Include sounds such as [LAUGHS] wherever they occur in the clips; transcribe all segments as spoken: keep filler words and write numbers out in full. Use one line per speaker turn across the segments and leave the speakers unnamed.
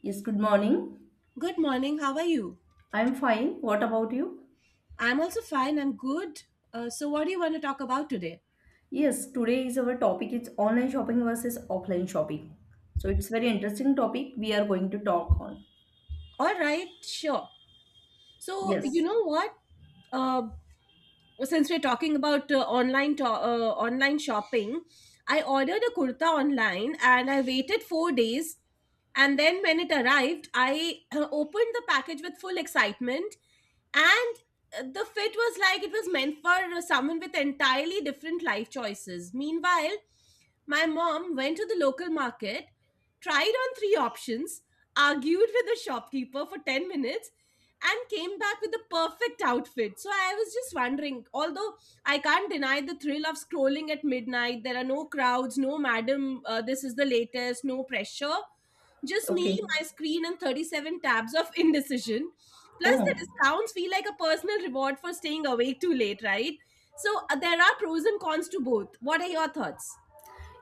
Yes, good morning.
Good morning. How are you?
I'm fine. What about you?
I'm also fine. I'm good. Uh, so, what do you want to talk about today?
Yes, today is our topic is online shopping versus offline shopping. So it's very interesting topic we are going to talk on.
All right, sure. So, you
Yes.
know what? Uh, since we're talking about uh, online to- uh, online shopping, I ordered a kurta online and I waited four days. And then when it arrived, I uh, opened the package with full excitement, and uh, the fit was like it was meant for uh, someone with entirely different life choices. Meanwhile, my mom went to the local market, tried on three options, argued with the shopkeeper for ten minutes, and came back with the perfect outfit. So I was just wondering, although I can't deny the thrill of scrolling at midnight, there are no crowds, no madam, uh, this is the latest, no pressure. Just me,
Okay.
my screen, and thirty-seven tabs of [LAUGHS] indecision. Plus,
Oh.
the discounts feel like a personal reward for staying awake too late, right? So, uh, there are pros and cons to both. What are your thoughts?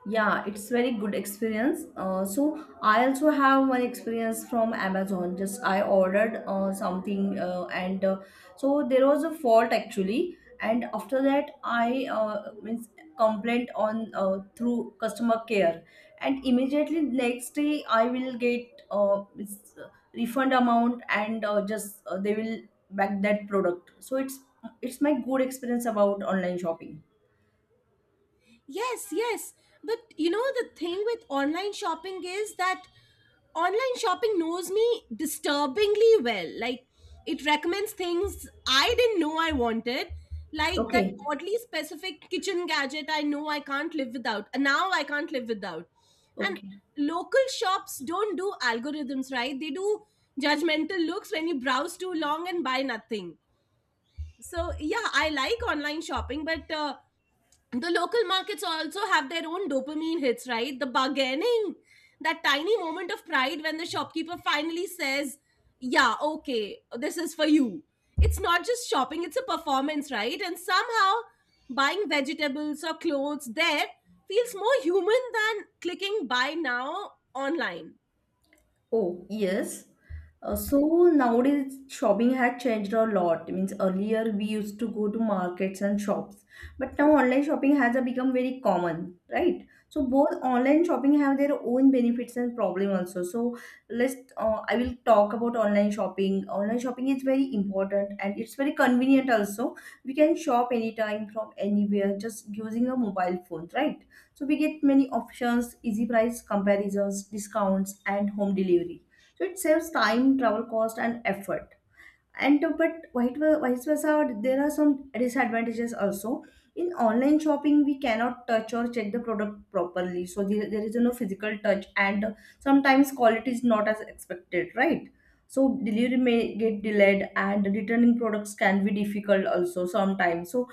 Yeah, it's very good experience. Uh, so I also have one experience from Amazon. Just I ordered uh, something uh, and uh, so there was a fault actually. And after that, I uh, means complaint on uh, through customer care. And immediately next day, I will get uh, means, uh, refund amount and uh, just uh, they will back that product. So it's it's my good experience about online shopping.
Yes, yes. But you know, the thing with online shopping is that online shopping knows me disturbingly well. Like, it recommends things I didn't know I wanted, like that
Okay,
oddly specific kitchen gadget I know I can't live without, and now I can't live without. And
okay.
local shops don't do algorithms, right? They do judgmental looks when you browse too long and buy nothing. So, yeah, I like online shopping, but uh, the local markets also have their own dopamine hits, right? The bargaining, that tiny moment of pride when the shopkeeper finally says, yeah, okay, this is for you. It's not just shopping, it's a performance, right? And somehow buying vegetables or clothes there feels more human than clicking buy now online.
Oh, yes. Uh, so nowadays shopping has changed a lot. Means earlier we used to go to markets and shops, but now online shopping has uh, become very common, right? So both online shopping have their own benefits and problem also. So let's uh, I will talk about online shopping. Online shopping is very important and it's very convenient also. We can shop anytime from anywhere just using a mobile phone, right? So we get many options, easy price comparisons, discounts, and home delivery. So it saves time, travel cost, and effort. And uh, but vice vice versa, there are some disadvantages also. In online shopping, we cannot touch or check the product properly, so there, there is no physical touch, and uh, sometimes quality is not as expected, right? So delivery may get delayed, and returning products can be difficult also sometimes. So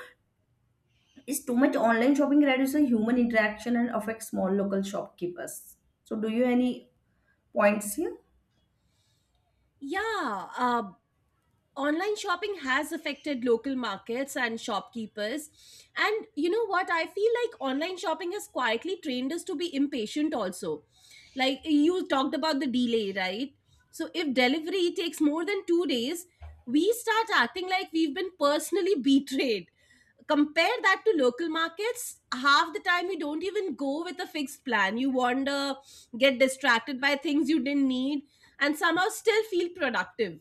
is too much online shopping reduces human interaction and affects small local shopkeepers. So do you any points here?
Yeah, uh, online shopping has affected local markets and shopkeepers, and you know what, I feel like online shopping has quietly trained us to be impatient also. Like, you talked about the delay, right? So if delivery takes more than two days, we start acting like we've been personally [LAUGHS] betrayed. Compare that to local markets. Half the time you don't even go with a fixed plan. You wander, get distracted by things you didn't need, and somehow still feel productive.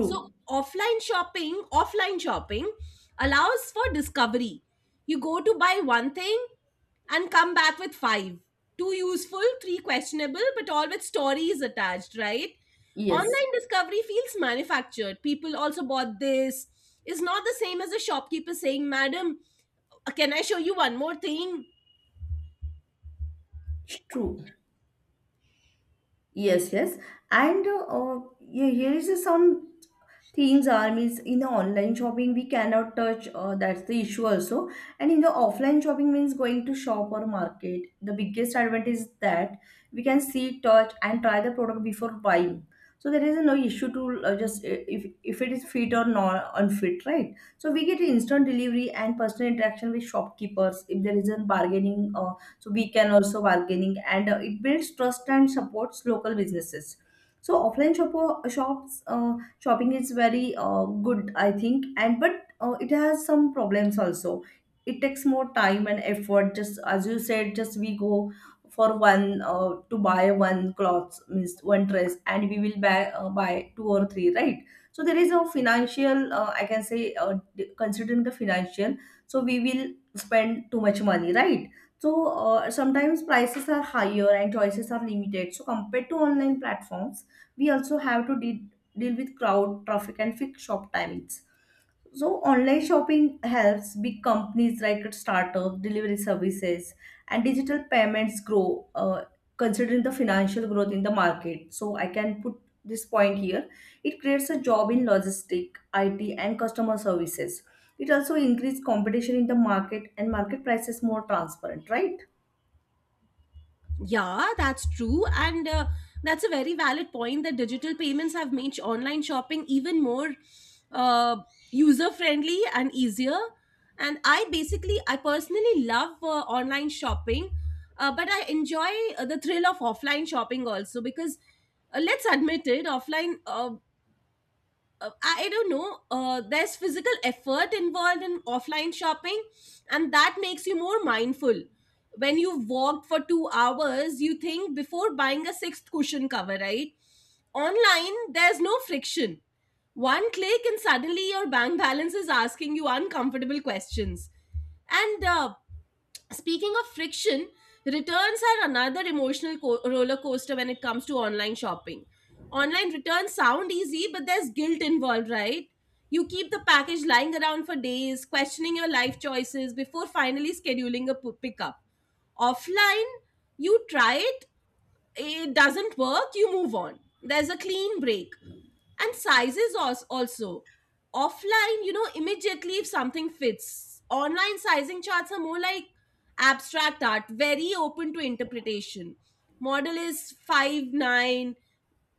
So offline shopping, offline shopping allows for discovery. You go to buy one thing and come back with five. Two useful, three questionable, but all with stories attached, right?
Yes.
Online discovery feels manufactured. People also bought this is not the same as a shopkeeper saying, Madam, can I show you one more thing?
True. Yes, yes. And uh, uh, yeah, here is some things are means in the online shopping we cannot touch, uh, that's the issue also. And in the offline shopping, means going to shop or market, the biggest advantage is that we can see, touch, and try the product before buying. So there is no issue to uh, just uh, if, if it is fit or not unfit, right? So we get instant delivery and personal interaction with shopkeepers, if there is a bargaining, uh, so we can also bargaining, and uh, it builds trust and supports local businesses. So offline shop, shops uh, shopping is very uh, good, I think, and but uh, it has some problems also. It takes more time and effort, just as you said. Just we go for one uh, to buy one cloth, means one dress, and we will buy uh, buy two or three, right? So there is a financial, uh, I can say, uh, d- considering the financial. So we will spend too much money, right? So uh, sometimes prices are higher and choices are limited, so compared to online platforms, we also have to de- deal with crowd, traffic, and fixed shop timings. So online shopping helps big companies like startup, delivery services, and digital payments grow. Uh, considering the financial growth in the market, so I can put this point here. It creates a job in logistic, I T, and customer services. It also increases competition in the market and market prices more transparent, right?
Yeah, that's true. And uh, that's a very valid point that digital payments have made sh- online shopping even more uh, user friendly and easier. And I basically, I personally love uh, online shopping, uh, but I enjoy uh, the thrill of offline shopping also because uh, let's admit it, offline uh, uh, I don't know. Uh, there's physical effort involved in offline shopping, and that makes you more mindful. When you walked for two hours, you think before buying a sixth cushion cover, right? Online, there's no friction. One click, and suddenly your bank balance is asking you uncomfortable questions. And uh, Speaking of friction, returns are another emotional co- roller coaster when it comes to online shopping. Online returns sound easy, but there's guilt involved, right? You keep the package lying around for days, questioning your life choices before finally scheduling a p- pickup. Offline, you try it, it doesn't work, you move on. There's a clean break. And sizes als- also. Offline, you know, immediately if something fits. Online sizing charts are more like abstract art, very open to interpretation. Model is five nine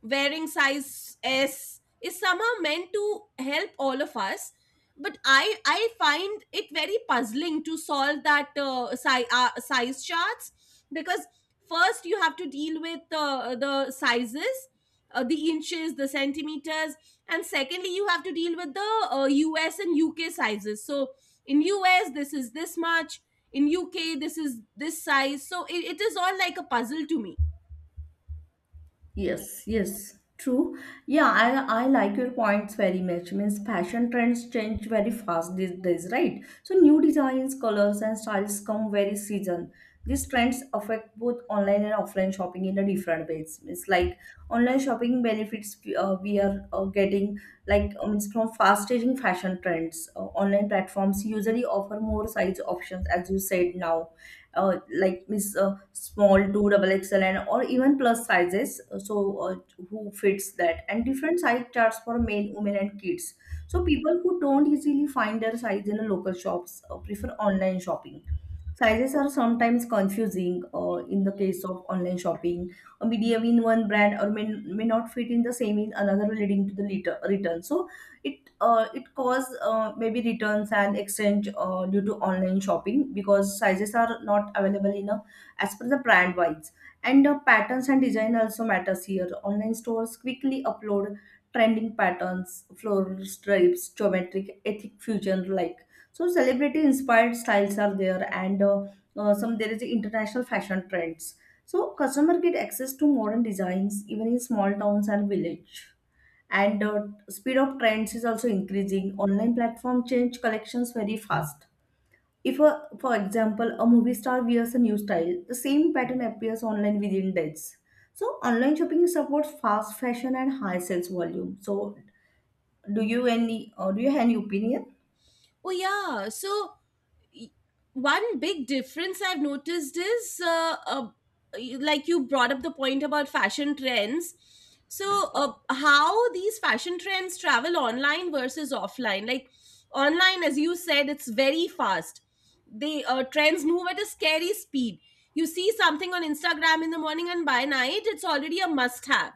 wearing size S is somehow meant to help all of us. But I, I find it very puzzling to solve that uh, si- uh, size charts, because first you have to deal with uh, the sizes, uh, the inches, the centimeters, and secondly you have to deal with the uh, U S and U K sizes. So in US this is this much, in U K this is this size. So it, it is all like a puzzle to me.
Yes, yes, true. Yeah, I I like your points very much. Means fashion trends change very fast these days, right? So new designs, colors, and styles come very season. These trends affect both online and offline shopping in a different ways. It's like online shopping benefits we- uh, we are uh, getting, like um, it's from fast changing fashion trends. Uh, online platforms usually offer more size options, as you said now, uh, like miss uh, small two double xl, and or even plus sizes, uh, so uh, who fits that, and different size charts for men, women, and kids. So people who don't easily find their size in the local shops uh, prefer online shopping. Sizes are sometimes confusing uh, in the case of online shopping. A medium in one brand or may, may not fit in the same in another, leading to the later return. So it uh, it cause uh, maybe returns and exchange uh, due to online shopping, because sizes are not available in a, as per the brand wise. And uh, patterns and design also matters here. Online stores quickly upload trending patterns, floral stripes, geometric, ethic fusion, like, so celebrity inspired styles are there. And uh, uh, some there is international fashion trends. So customer get access to modern designs even in small towns and village. And the speed of trends is also increasing. Online platform change collections very fast. If a, for example, a movie star wears a new style, the same pattern appears online within days. So online shopping supports fast fashion and high sales volume. So do you any or do you have any opinion?
Oh yeah. So y- one big difference I've noticed is, uh, uh, like you brought up the point about fashion trends. So uh, how these fashion trends travel online versus offline? Like online, as you said, it's very fast. The uh, trends move at a scary speed. You see something on Instagram in the morning, and by night, it's already a must-have.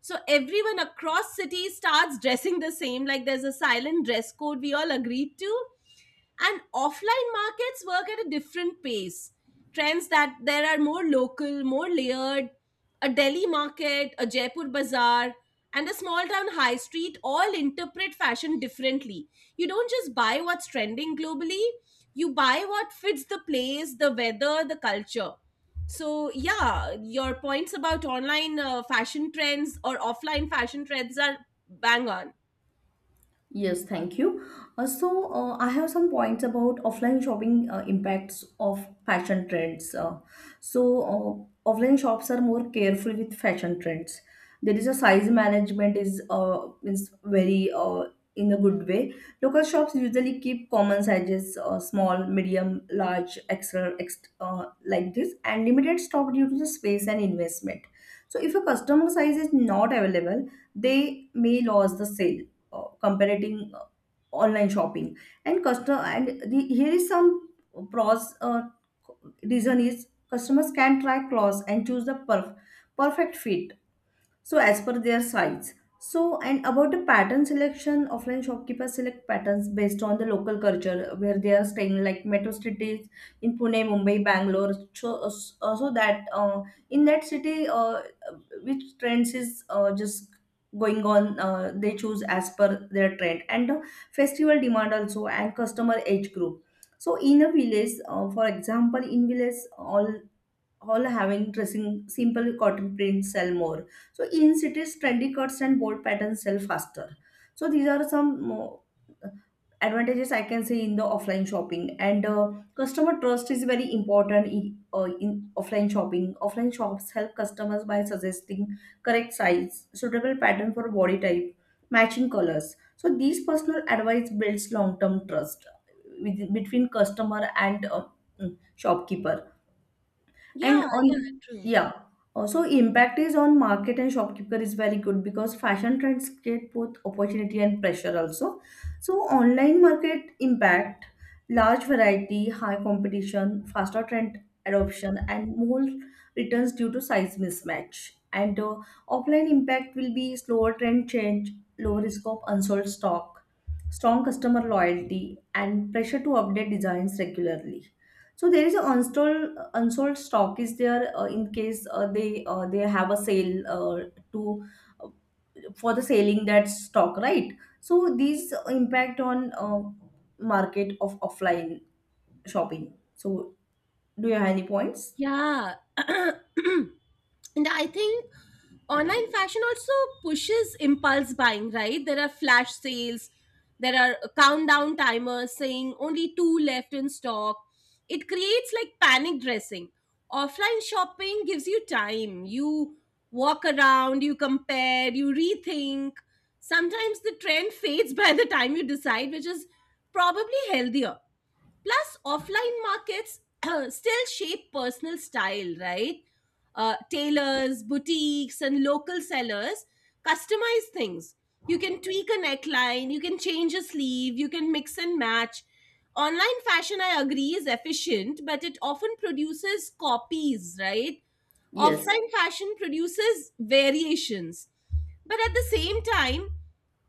So everyone across cities starts dressing the same. Like there's a silent dress code we all agreed to, and offline markets work at a different pace. Trends that there are more local, more layered. A Delhi market, a Jaipur bazaar, and a small town high street all interpret fashion differently. You don't just buy what's trending globally, you buy what fits the place, the weather, the culture. So yeah, your points about online uh, fashion trends or offline fashion trends are bang on.
Yes, thank you. Uh, so uh, I have some points about offline shopping, uh, impacts of fashion trends. Uh, so uh, offline shops are more careful with fashion trends. There is a size management, is uh, is very, uh, in a good way. Local shops usually keep common sizes, uh, small, medium, large, extra, ext uh, like this, and limited stock due to the space and investment. So if a customer size is not available, they may lose the sale. Uh, comparing uh, online shopping and customer, and the, here is some pros, uh, reason is customers can try clothes and choose the perf- perfect fit, so as per their size. So and about the pattern selection, offline shopkeepers select patterns based on the local culture where they are staying, like metro cities, in Pune, Mumbai, Bangalore. So, uh, so that uh, in that city, uh, which trends is uh, just going on, uh, they choose as per their trend, and the festival demand also, and customer age group. So in a village, uh, for example, in village, all all having dressing simple cotton prints sell more. So in cities, trendy cuts and bold patterns sell faster. So these are some uh, advantages I can say in the offline shopping. And uh, customer trust is very important in, uh, in offline shopping. Offline shops help customers by suggesting correct size, suitable pattern for body type, matching colors. So these personal advice builds long-term trust with, between customer and uh, mm, shopkeeper.
Yeah,
And
yeah,
on,
true.
yeah, also impact is on market and shopkeeper is very good because fashion trends create both opportunity and pressure also. So online market impact, large variety, high competition, faster trend adoption, and more returns due to size mismatch. And uh, offline impact will be slower trend change, lower risk of unsold stock, strong customer loyalty, and pressure to update designs regularly. So there is an unsold unsold stock is there, uh, in case uh, they uh, they have a sale, uh, to uh, for the selling that stock, right? So these impact on uh, market of offline shopping. So do you have any points?
Yeah, [CLEARS THROAT] and I think online fashion also pushes impulse buying, right? There are flash sales, there are countdown timers saying only two left in stock. It creates like panic dressing. Offline shopping gives you time. You walk around, you compare, you rethink. Sometimes the trend fades [LAUGHS] by the time you decide, which is probably healthier. Plus, offline markets [CLEARS THROAT] still shape personal style, right? Uh, tailors, boutiques, and local sellers customize things. You can tweak a neckline, you can change a sleeve, you can mix and match. Online fashion, I agree, is efficient, but it often produces copies, right?
Yes.
Offline fashion produces variations. But at the same time,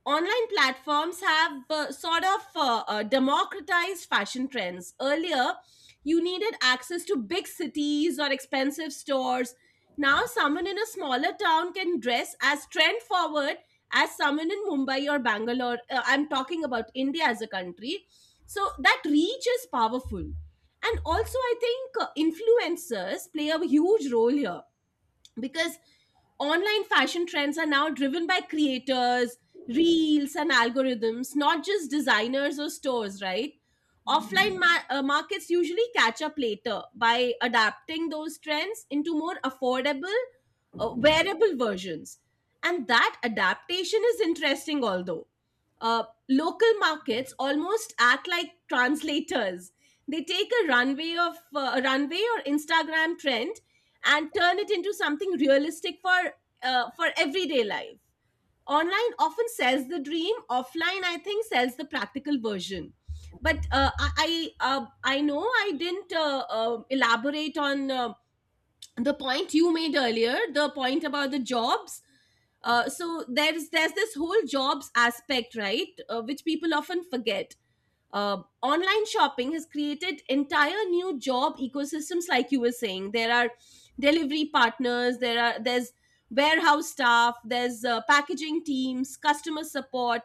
online platforms have uh, sort of uh, uh, democratized fashion trends. Earlier, you needed access to big cities or expensive stores. Now, someone in a smaller town can dress as trend forward as someone in Mumbai or Bangalore. Uh, I'm talking about India as a country. So, that reach is powerful. And also, I think uh, influencers play a huge role here because online fashion trends are now driven by creators, reels, and algorithms, not just designers or stores, right? Offline ma- uh, markets usually catch up later by adapting those trends into more affordable, uh, wearable versions. And that adaptation is interesting, although. Uh, local markets almost act like translators. They take a runway of uh, a runway or Instagram trend and turn it into something realistic for uh, for everyday life. Online often sells the dream. Offline, I think, sells the practical version. But uh, I I, uh, I know I didn't uh, uh, elaborate on uh, the point you made earlier, the point about the jobs. Uh, so there's there's this whole jobs aspect, right? Uh, which people often forget. Uh, online shopping has created entire new job ecosystems. Like you were saying, there are delivery partners, there are, there's warehouse staff, there's uh, packaging teams, customer support,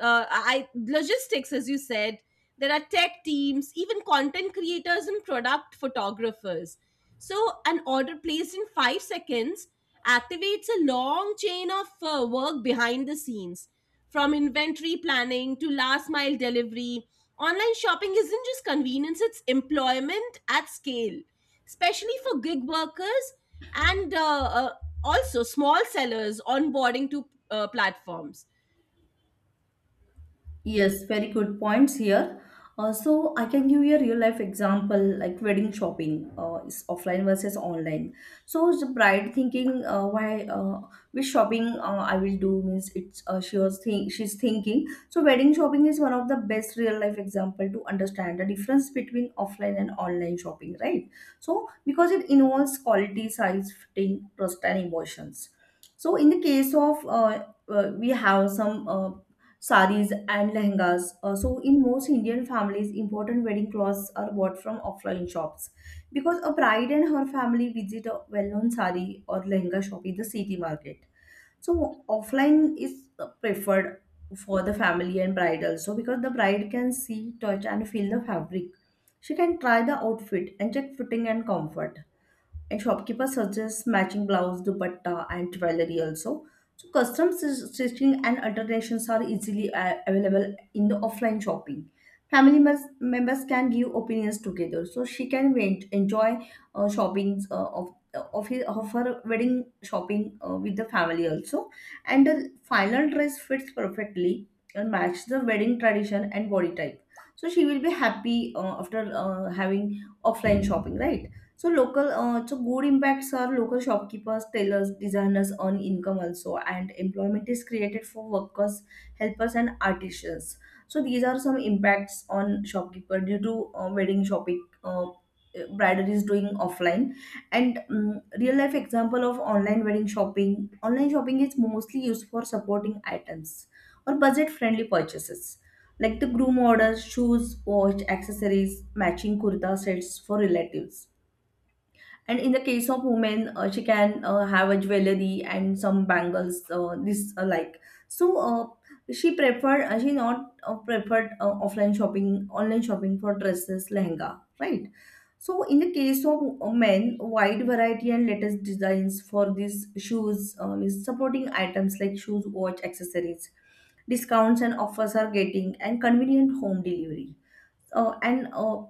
uh, I logistics, as you said, there are tech teams, even content creators and product photographers. So an order placed in five seconds activates a long chain of uh, work behind the scenes, from inventory planning to last mile delivery. Online shopping isn't just convenience, it's employment at scale, especially for gig workers, and uh, uh, also small sellers onboarding to uh, platforms.
Yes, very good points here. Uh, so I can give you a real life example like wedding shopping uh, is offline versus online. So the bride thinking, uh, why uh, which shopping uh, I will do, means it's uh, she was think she's thinking. So wedding shopping is one of the best real life example to understand the difference between offline and online shopping, right? So because it involves quality, size, fitting, trust, and emotions. So in the case of uh, uh, we have some uh, saris and lehengas. Uh, so in most Indian families, important wedding clothes are bought from offline shops, because a bride and her family visit a well-known sari or lehenga shop in the city market. So offline is uh, preferred for the family and bride also, because the bride can see, touch, and feel the fabric. She can try the outfit and check fitting and comfort, and shopkeeper suggests matching blouse, dupatta, and jewelry also. So custom stitch- stitching and alterations are easily uh, available in the offline shopping. Family mes- members can give opinions together, so she can went, enjoy uh, shoppings uh, of of, his, of her wedding shopping uh, with the family also. And the final dress fits perfectly and match the wedding tradition and body type, so she will be happy uh, after uh, having offline shopping, right? So local, uh, so good impacts are local shopkeepers, tailors, designers earn income also, and employment is created for workers, helpers, and artisans. So these are some impacts on shopkeeper due to uh, wedding shopping. Uh, bridal is doing offline, and um, real life example of online wedding shopping. Online shopping is mostly used for supporting items or budget friendly purchases, like the groom orders shoes, watch, accessories, matching kurta sets for relatives. And in the case of women, uh, she can uh, have a jewelry and some bangles, uh, this alike. So uh, she preferred, uh, she not uh, preferred uh, offline shopping, online shopping for dresses, lehenga, right? So in the case of men, wide variety and latest designs for these shoes, um, is supporting items like shoes, watch, accessories, discounts and offers are getting, and convenient home delivery. uh, and uh,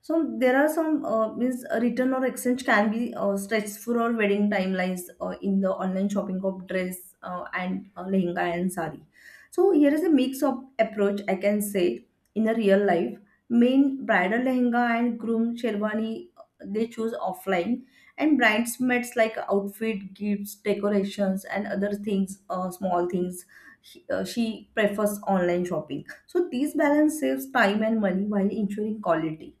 so there are some uh, means a return or exchange can be uh, stretched for wedding timelines uh, in the online shopping of dress uh, and uh, lehenga and sari. So here is a mix of approach I can say. In a real life, main bridal lehenga and groom sherwani, uh, they choose offline, and bridesmaids like outfit gifts decorations and other things, uh, small things, she, uh, she prefers online shopping. So these balance saves time and money while ensuring quality.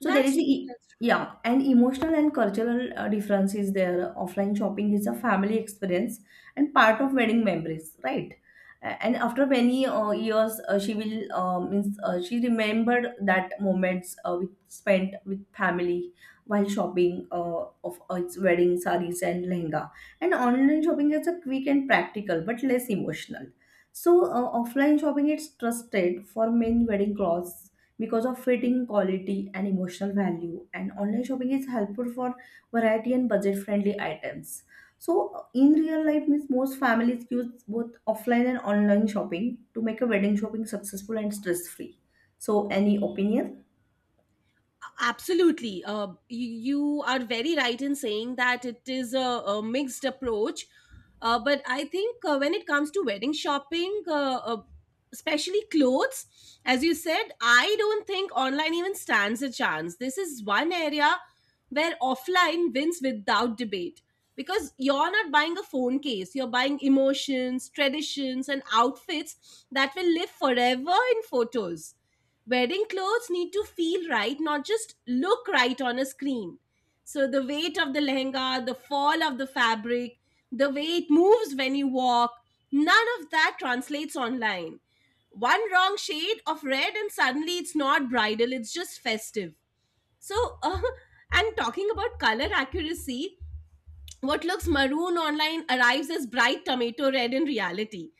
So there
That's
is a
true.
e-
That's true.
yeah, and emotional and cultural uh, difference is there. Offline shopping is a family experience and part of wedding memories, right? A- And after many uh, years, uh, she will uh, means uh, she remembered that moments uh, with spent with family while shopping uh, of uh, its wedding sarees and lehenga. And online shopping is a quick and practical but less emotional. So uh, offline shopping is trusted for men wedding clothes because of fitting quality and emotional value, and online shopping is helpful for variety and budget friendly items. So in real life means most families use both offline and online shopping to make a wedding shopping successful and stress free. So any opinion?
Absolutely. Uh, you you are very right in saying that it is a, a mixed approach. Uh, but i think uh, when it comes to wedding shopping, uh, uh, especially clothes, as you said, I don't think online even stands a chance. This is one area where offline wins without debate, because you're not buying a phone case, you're buying emotions, traditions, and outfits that will live forever in photos. Wedding clothes need to feel right, not just look right on a screen. So the weight of the lehenga, the fall of the fabric, the way it moves when you walk, none of that translates online. One wrong shade of red and suddenly it's not bridal, it's just festive. So [LAUGHS] uh, and talking about color accuracy, what looks maroon online arrives as bright tomato red in reality.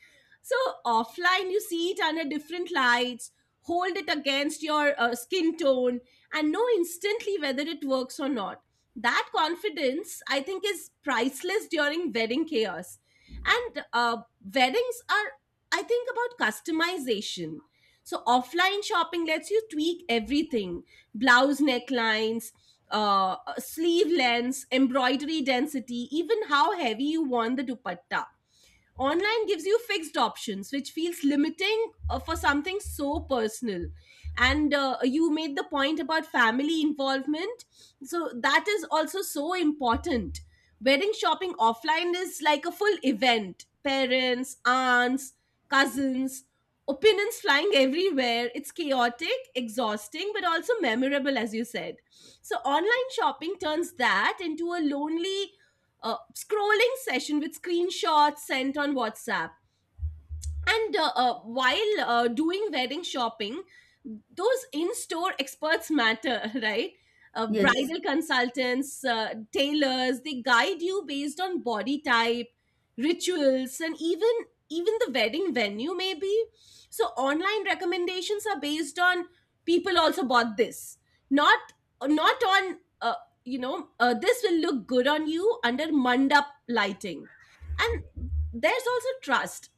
So offline, you see it under different lights, hold it against your uh, skin tone, and know instantly whether it works or not. That confidence, I think, is priceless during wedding chaos. And uh, weddings are, I think, about customization. So offline shopping lets you tweak everything, blouse necklines, uh, sleeve lengths, embroidery density, even how heavy you want the dupatta. Online gives you fixed options, which feels limiting uh, for something so personal. And uh, you made the point about family involvement. So that is also so important. Wedding shopping offline is like a full event, parents, aunts, cousins, opinions flying everywhere. It's chaotic, exhausting, but also memorable, as you said. So online shopping turns that into a lonely uh, scrolling session with screenshots sent on WhatsApp. And uh, uh, while uh, doing wedding shopping, those in store experts matter, [LAUGHS] right? Uh,
Yes,
bridal consultants, uh, tailors, they guide you based on body type, rituals, and even even the wedding venue, maybe. So online recommendations are based on people also bought this, not not on uh, you know uh, this will look good on you under mandap lighting, and there's also trust.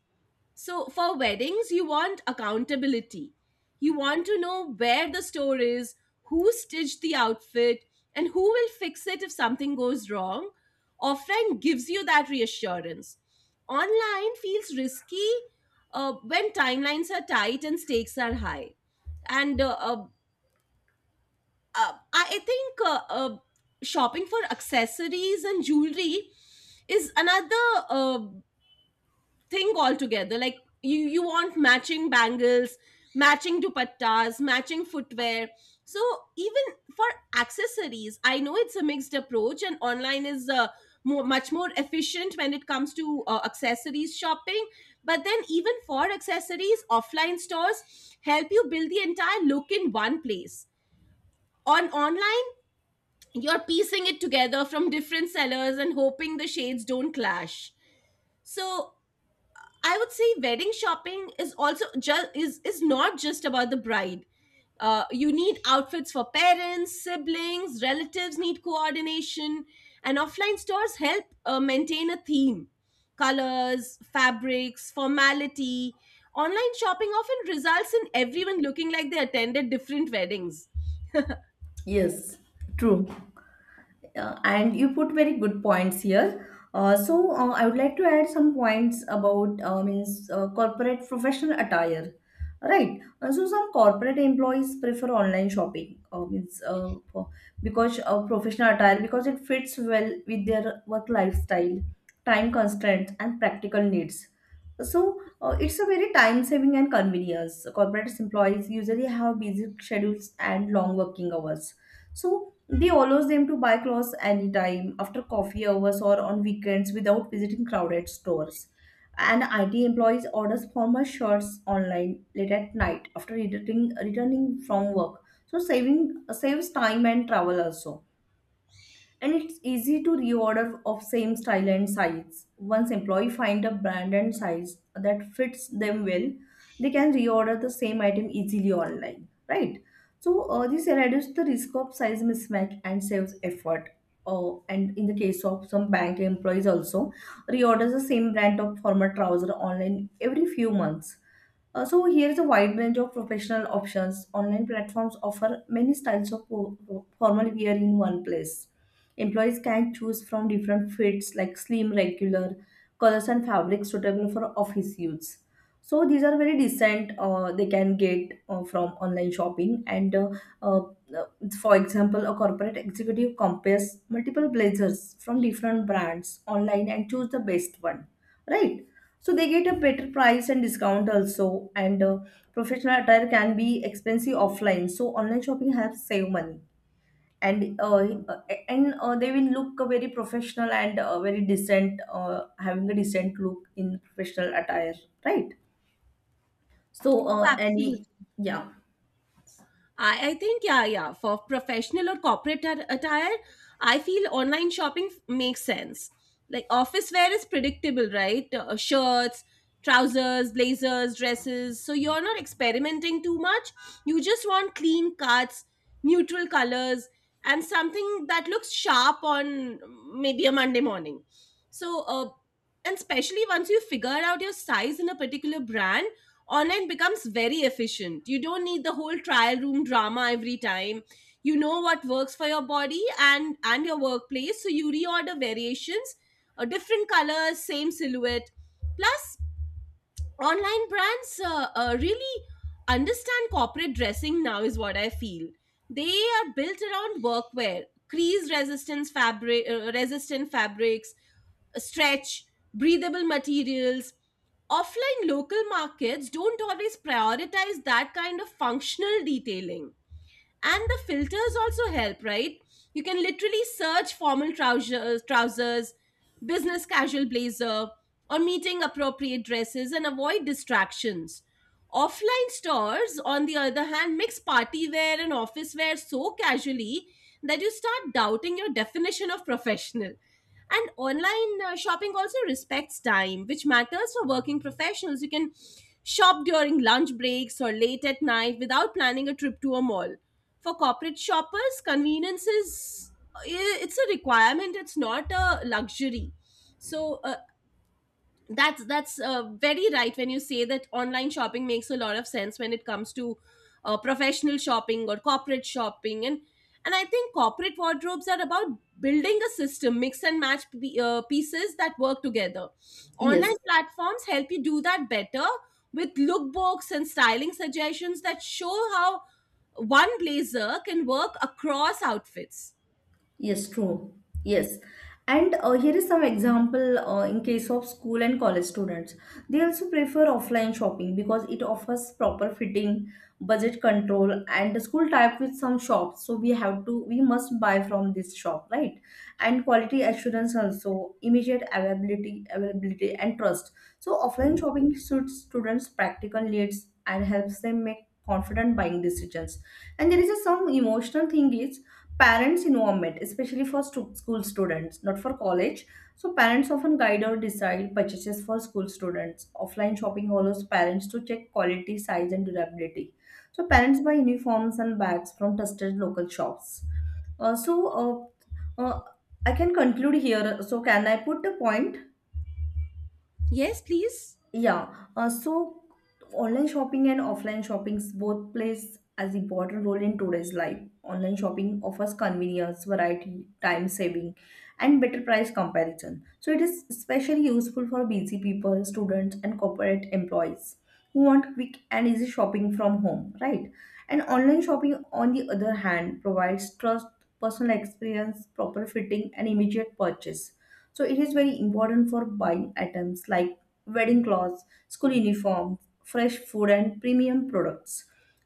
So for weddings, you want accountability. You want to know where the store is, who stitched the outfit, and who will fix it if something goes wrong. Offline gives you that reassurance. Online feels risky uh, when timelines are tight and stakes are high. And uh, uh, uh, I think uh, uh, shopping for accessories and jewelry is another uh, thing altogether. Like you, you want matching bangles, matching dupattas, matching footwear. So even for accessories, I know it's a mixed approach, and online is uh, more, much more efficient when it comes to uh, accessories shopping. But then even for accessories, offline stores help you build the entire look in one place. On online, you're piecing it together from different sellers and hoping the shades don't clash. So I would say wedding shopping is also just is is not just about the bride. Uh, you need outfits for parents, siblings, relatives need coordination, and offline stores help uh, maintain a theme, colors, fabrics, formality. Online shopping often results in everyone looking like they attended different weddings.
yes, true. Uh, and you put very good points here. Uh, so uh, I would like to add some points about uh, means uh, corporate professional attire, right? Uh, so some corporate employees prefer online shopping, uh, means uh, for- because uh, professional attire because it fits well with their work lifestyle, time constraints, and practical needs. So uh, it's a very time saving and convenience. Corporate employees usually have busy schedules and long working hours. So they allows them to buy clothes anytime, after coffee hours or on weekends without visiting crowded stores. And I T employees orders formal shirts online late at night after returning returning from work. So saving saves time and travel also, and it's easy to reorder of same style and size. Once employee find a brand and size that fits them well, they can reorder the same item easily online, right? So uh, this reduces the risk of size mismatch and saves effort. Uh, and in the case of some bank employees also, reorders the same brand of former trouser online every few months. Uh, so here's a wide range of professional options. Online platforms offer many styles of fo- fo- formal wear in one place. Employees can choose from different fits like slim, regular, colors and fabrics suitable for office use. So these are very decent. Uh, they can get uh, from online shopping. And uh, uh, uh, for example, a corporate executive compares multiple blazers from different brands online and choose the best one, right? So they get a better price and discount also, and uh, professional attire can be expensive offline, so online shopping helps save money. And uh, uh, and uh, They will look very professional and uh, very decent, uh, having a decent look in professional attire, right? So uh, any?
Absolutely.
Yeah,
I, I think, yeah, yeah. For professional or corporate at- attire, I feel online shopping f- makes sense. Like office wear is predictable, right? Uh, shirts, trousers, blazers, dresses. So you're not experimenting too much. You just want clean cuts, neutral colors, and something that looks sharp on mm, maybe a Monday morning. So, uh, and especially once you figure out your size in a particular brand, online becomes very efficient. You don't need the whole trial room drama every time. You know what works for your body and and your workplace, so you reorder variations, uh, different colors, same silhouette. Plus, online brands uh, uh, really understand corporate dressing now is what I feel. They are built around workwear, crease resistance fabric, uh, resistant fabrics, stretch, breathable materials. Offline local markets don't always prioritize that kind of functional detailing. And the filters also help, right? You can literally search formal trousers trousers, business casual blazer, or meeting appropriate dresses, and avoid distractions. Offline stores, on the other hand, mix party wear and office wear so casually that you start doubting your definition of professional. And online uh, shopping also respects time, which matters for working professionals. You can shop during lunch breaks or late at night without planning a trip to a mall. For corporate shoppers, convenience is, it's a requirement, it's not a luxury. so uh, that's that's uh, very right when you say that online shopping makes a lot of sense when it comes to uh, professional shopping or corporate shopping. And and I think corporate wardrobes are about building a system, mix and match p- uh, pieces that work together. Online
yes.
platforms help you do that better with lookbooks and styling suggestions that show how one blazer can work across outfits.
Yes, true. Yes. And uh, Here is some example uh, in case of school and college students. They also prefer offline shopping because it offers proper fitting, budget control, and the school type with some shops. So we have to, we must buy from this shop, right? And quality assurance also, immediate availability, availability, and trust. So offline shopping suits students' practical needs and helps them make confident buying decisions. And there is a, some emotional thing is parents involvement, especially for stu- school students, not for college. So parents often guide or decide purchases for school students. Offline shopping allows parents to check quality, size and durability. So parents buy uniforms and bags from trusted local shops. Uh, so uh, uh, I can conclude here, so can I put a point?
Yes, please.
Yeah, uh, so online shopping and offline shopping both plays as important role in today's life. Online shopping offers convenience, variety, time saving, and better price comparison. So it is especially useful for busy people, students, and corporate employees who want quick and easy shopping from home, right? And online shopping, on the other hand, provides trust, personal experience, proper fitting, and immediate purchase. So it is very important for buying items like wedding clothes, school uniform, fresh food and premium products.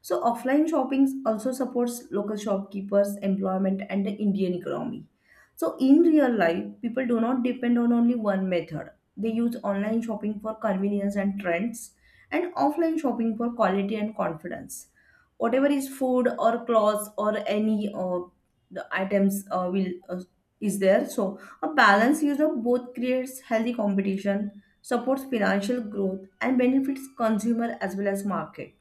So offline shopping also supports local shopkeepers, employment and the Indian economy. So in real life, people do not depend on only one method. They use online shopping for convenience and trends, and offline shopping for quality and confidence. Whatever is food or clothes or any uh, the items uh, will uh, is there. So a balanced use of both creates healthy competition, supports financial growth, and benefits consumer as well as market.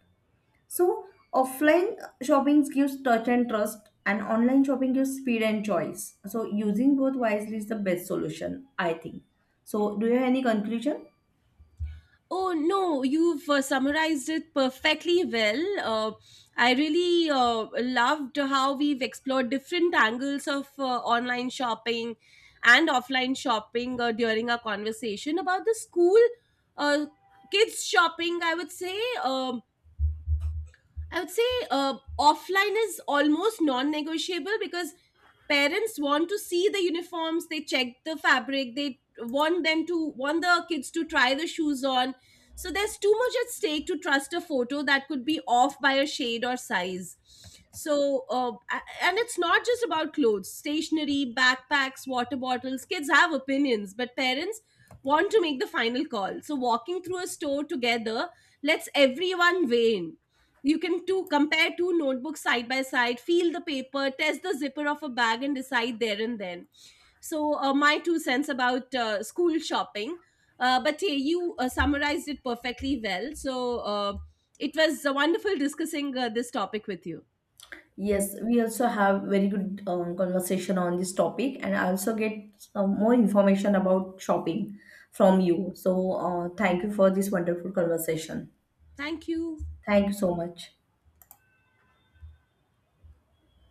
So, offline shopping gives touch and trust, and online shopping gives speed and choice. So, using both wisely is the best solution, I think. So, do you have any conclusion?
Oh no, you've uh, summarized it perfectly well. Uh, I really uh, loved how we've explored different angles of uh, online shopping and offline shopping uh, during our conversation about the school uh, kids shopping. I would say um, I would say uh, offline is almost non negotiable because parents want to see the uniforms, they check the fabric, they want them to want the kids to try the shoes on. So there's too much at stake to trust a photo that could be off by a shade or size. So, uh, a- and it's not just about clothes, stationery, backpacks, water bottles. Kids have opinions, but parents want to make the final call. So, walking through a store together lets everyone weigh in. You can to compare two notebooks side by side, feel the paper, test the zipper of a bag, and decide there and then. So uh, my two cents about uh, school shopping, uh, but yeah, you uh, summarized it perfectly well. So uh, it was uh, wonderful discussing uh, this topic with you.
Yes, we also have very good um, conversation on this topic, and I also get some more information about shopping from you. So, uh, thank you for this wonderful conversation.
Thank you.
Thank you so much.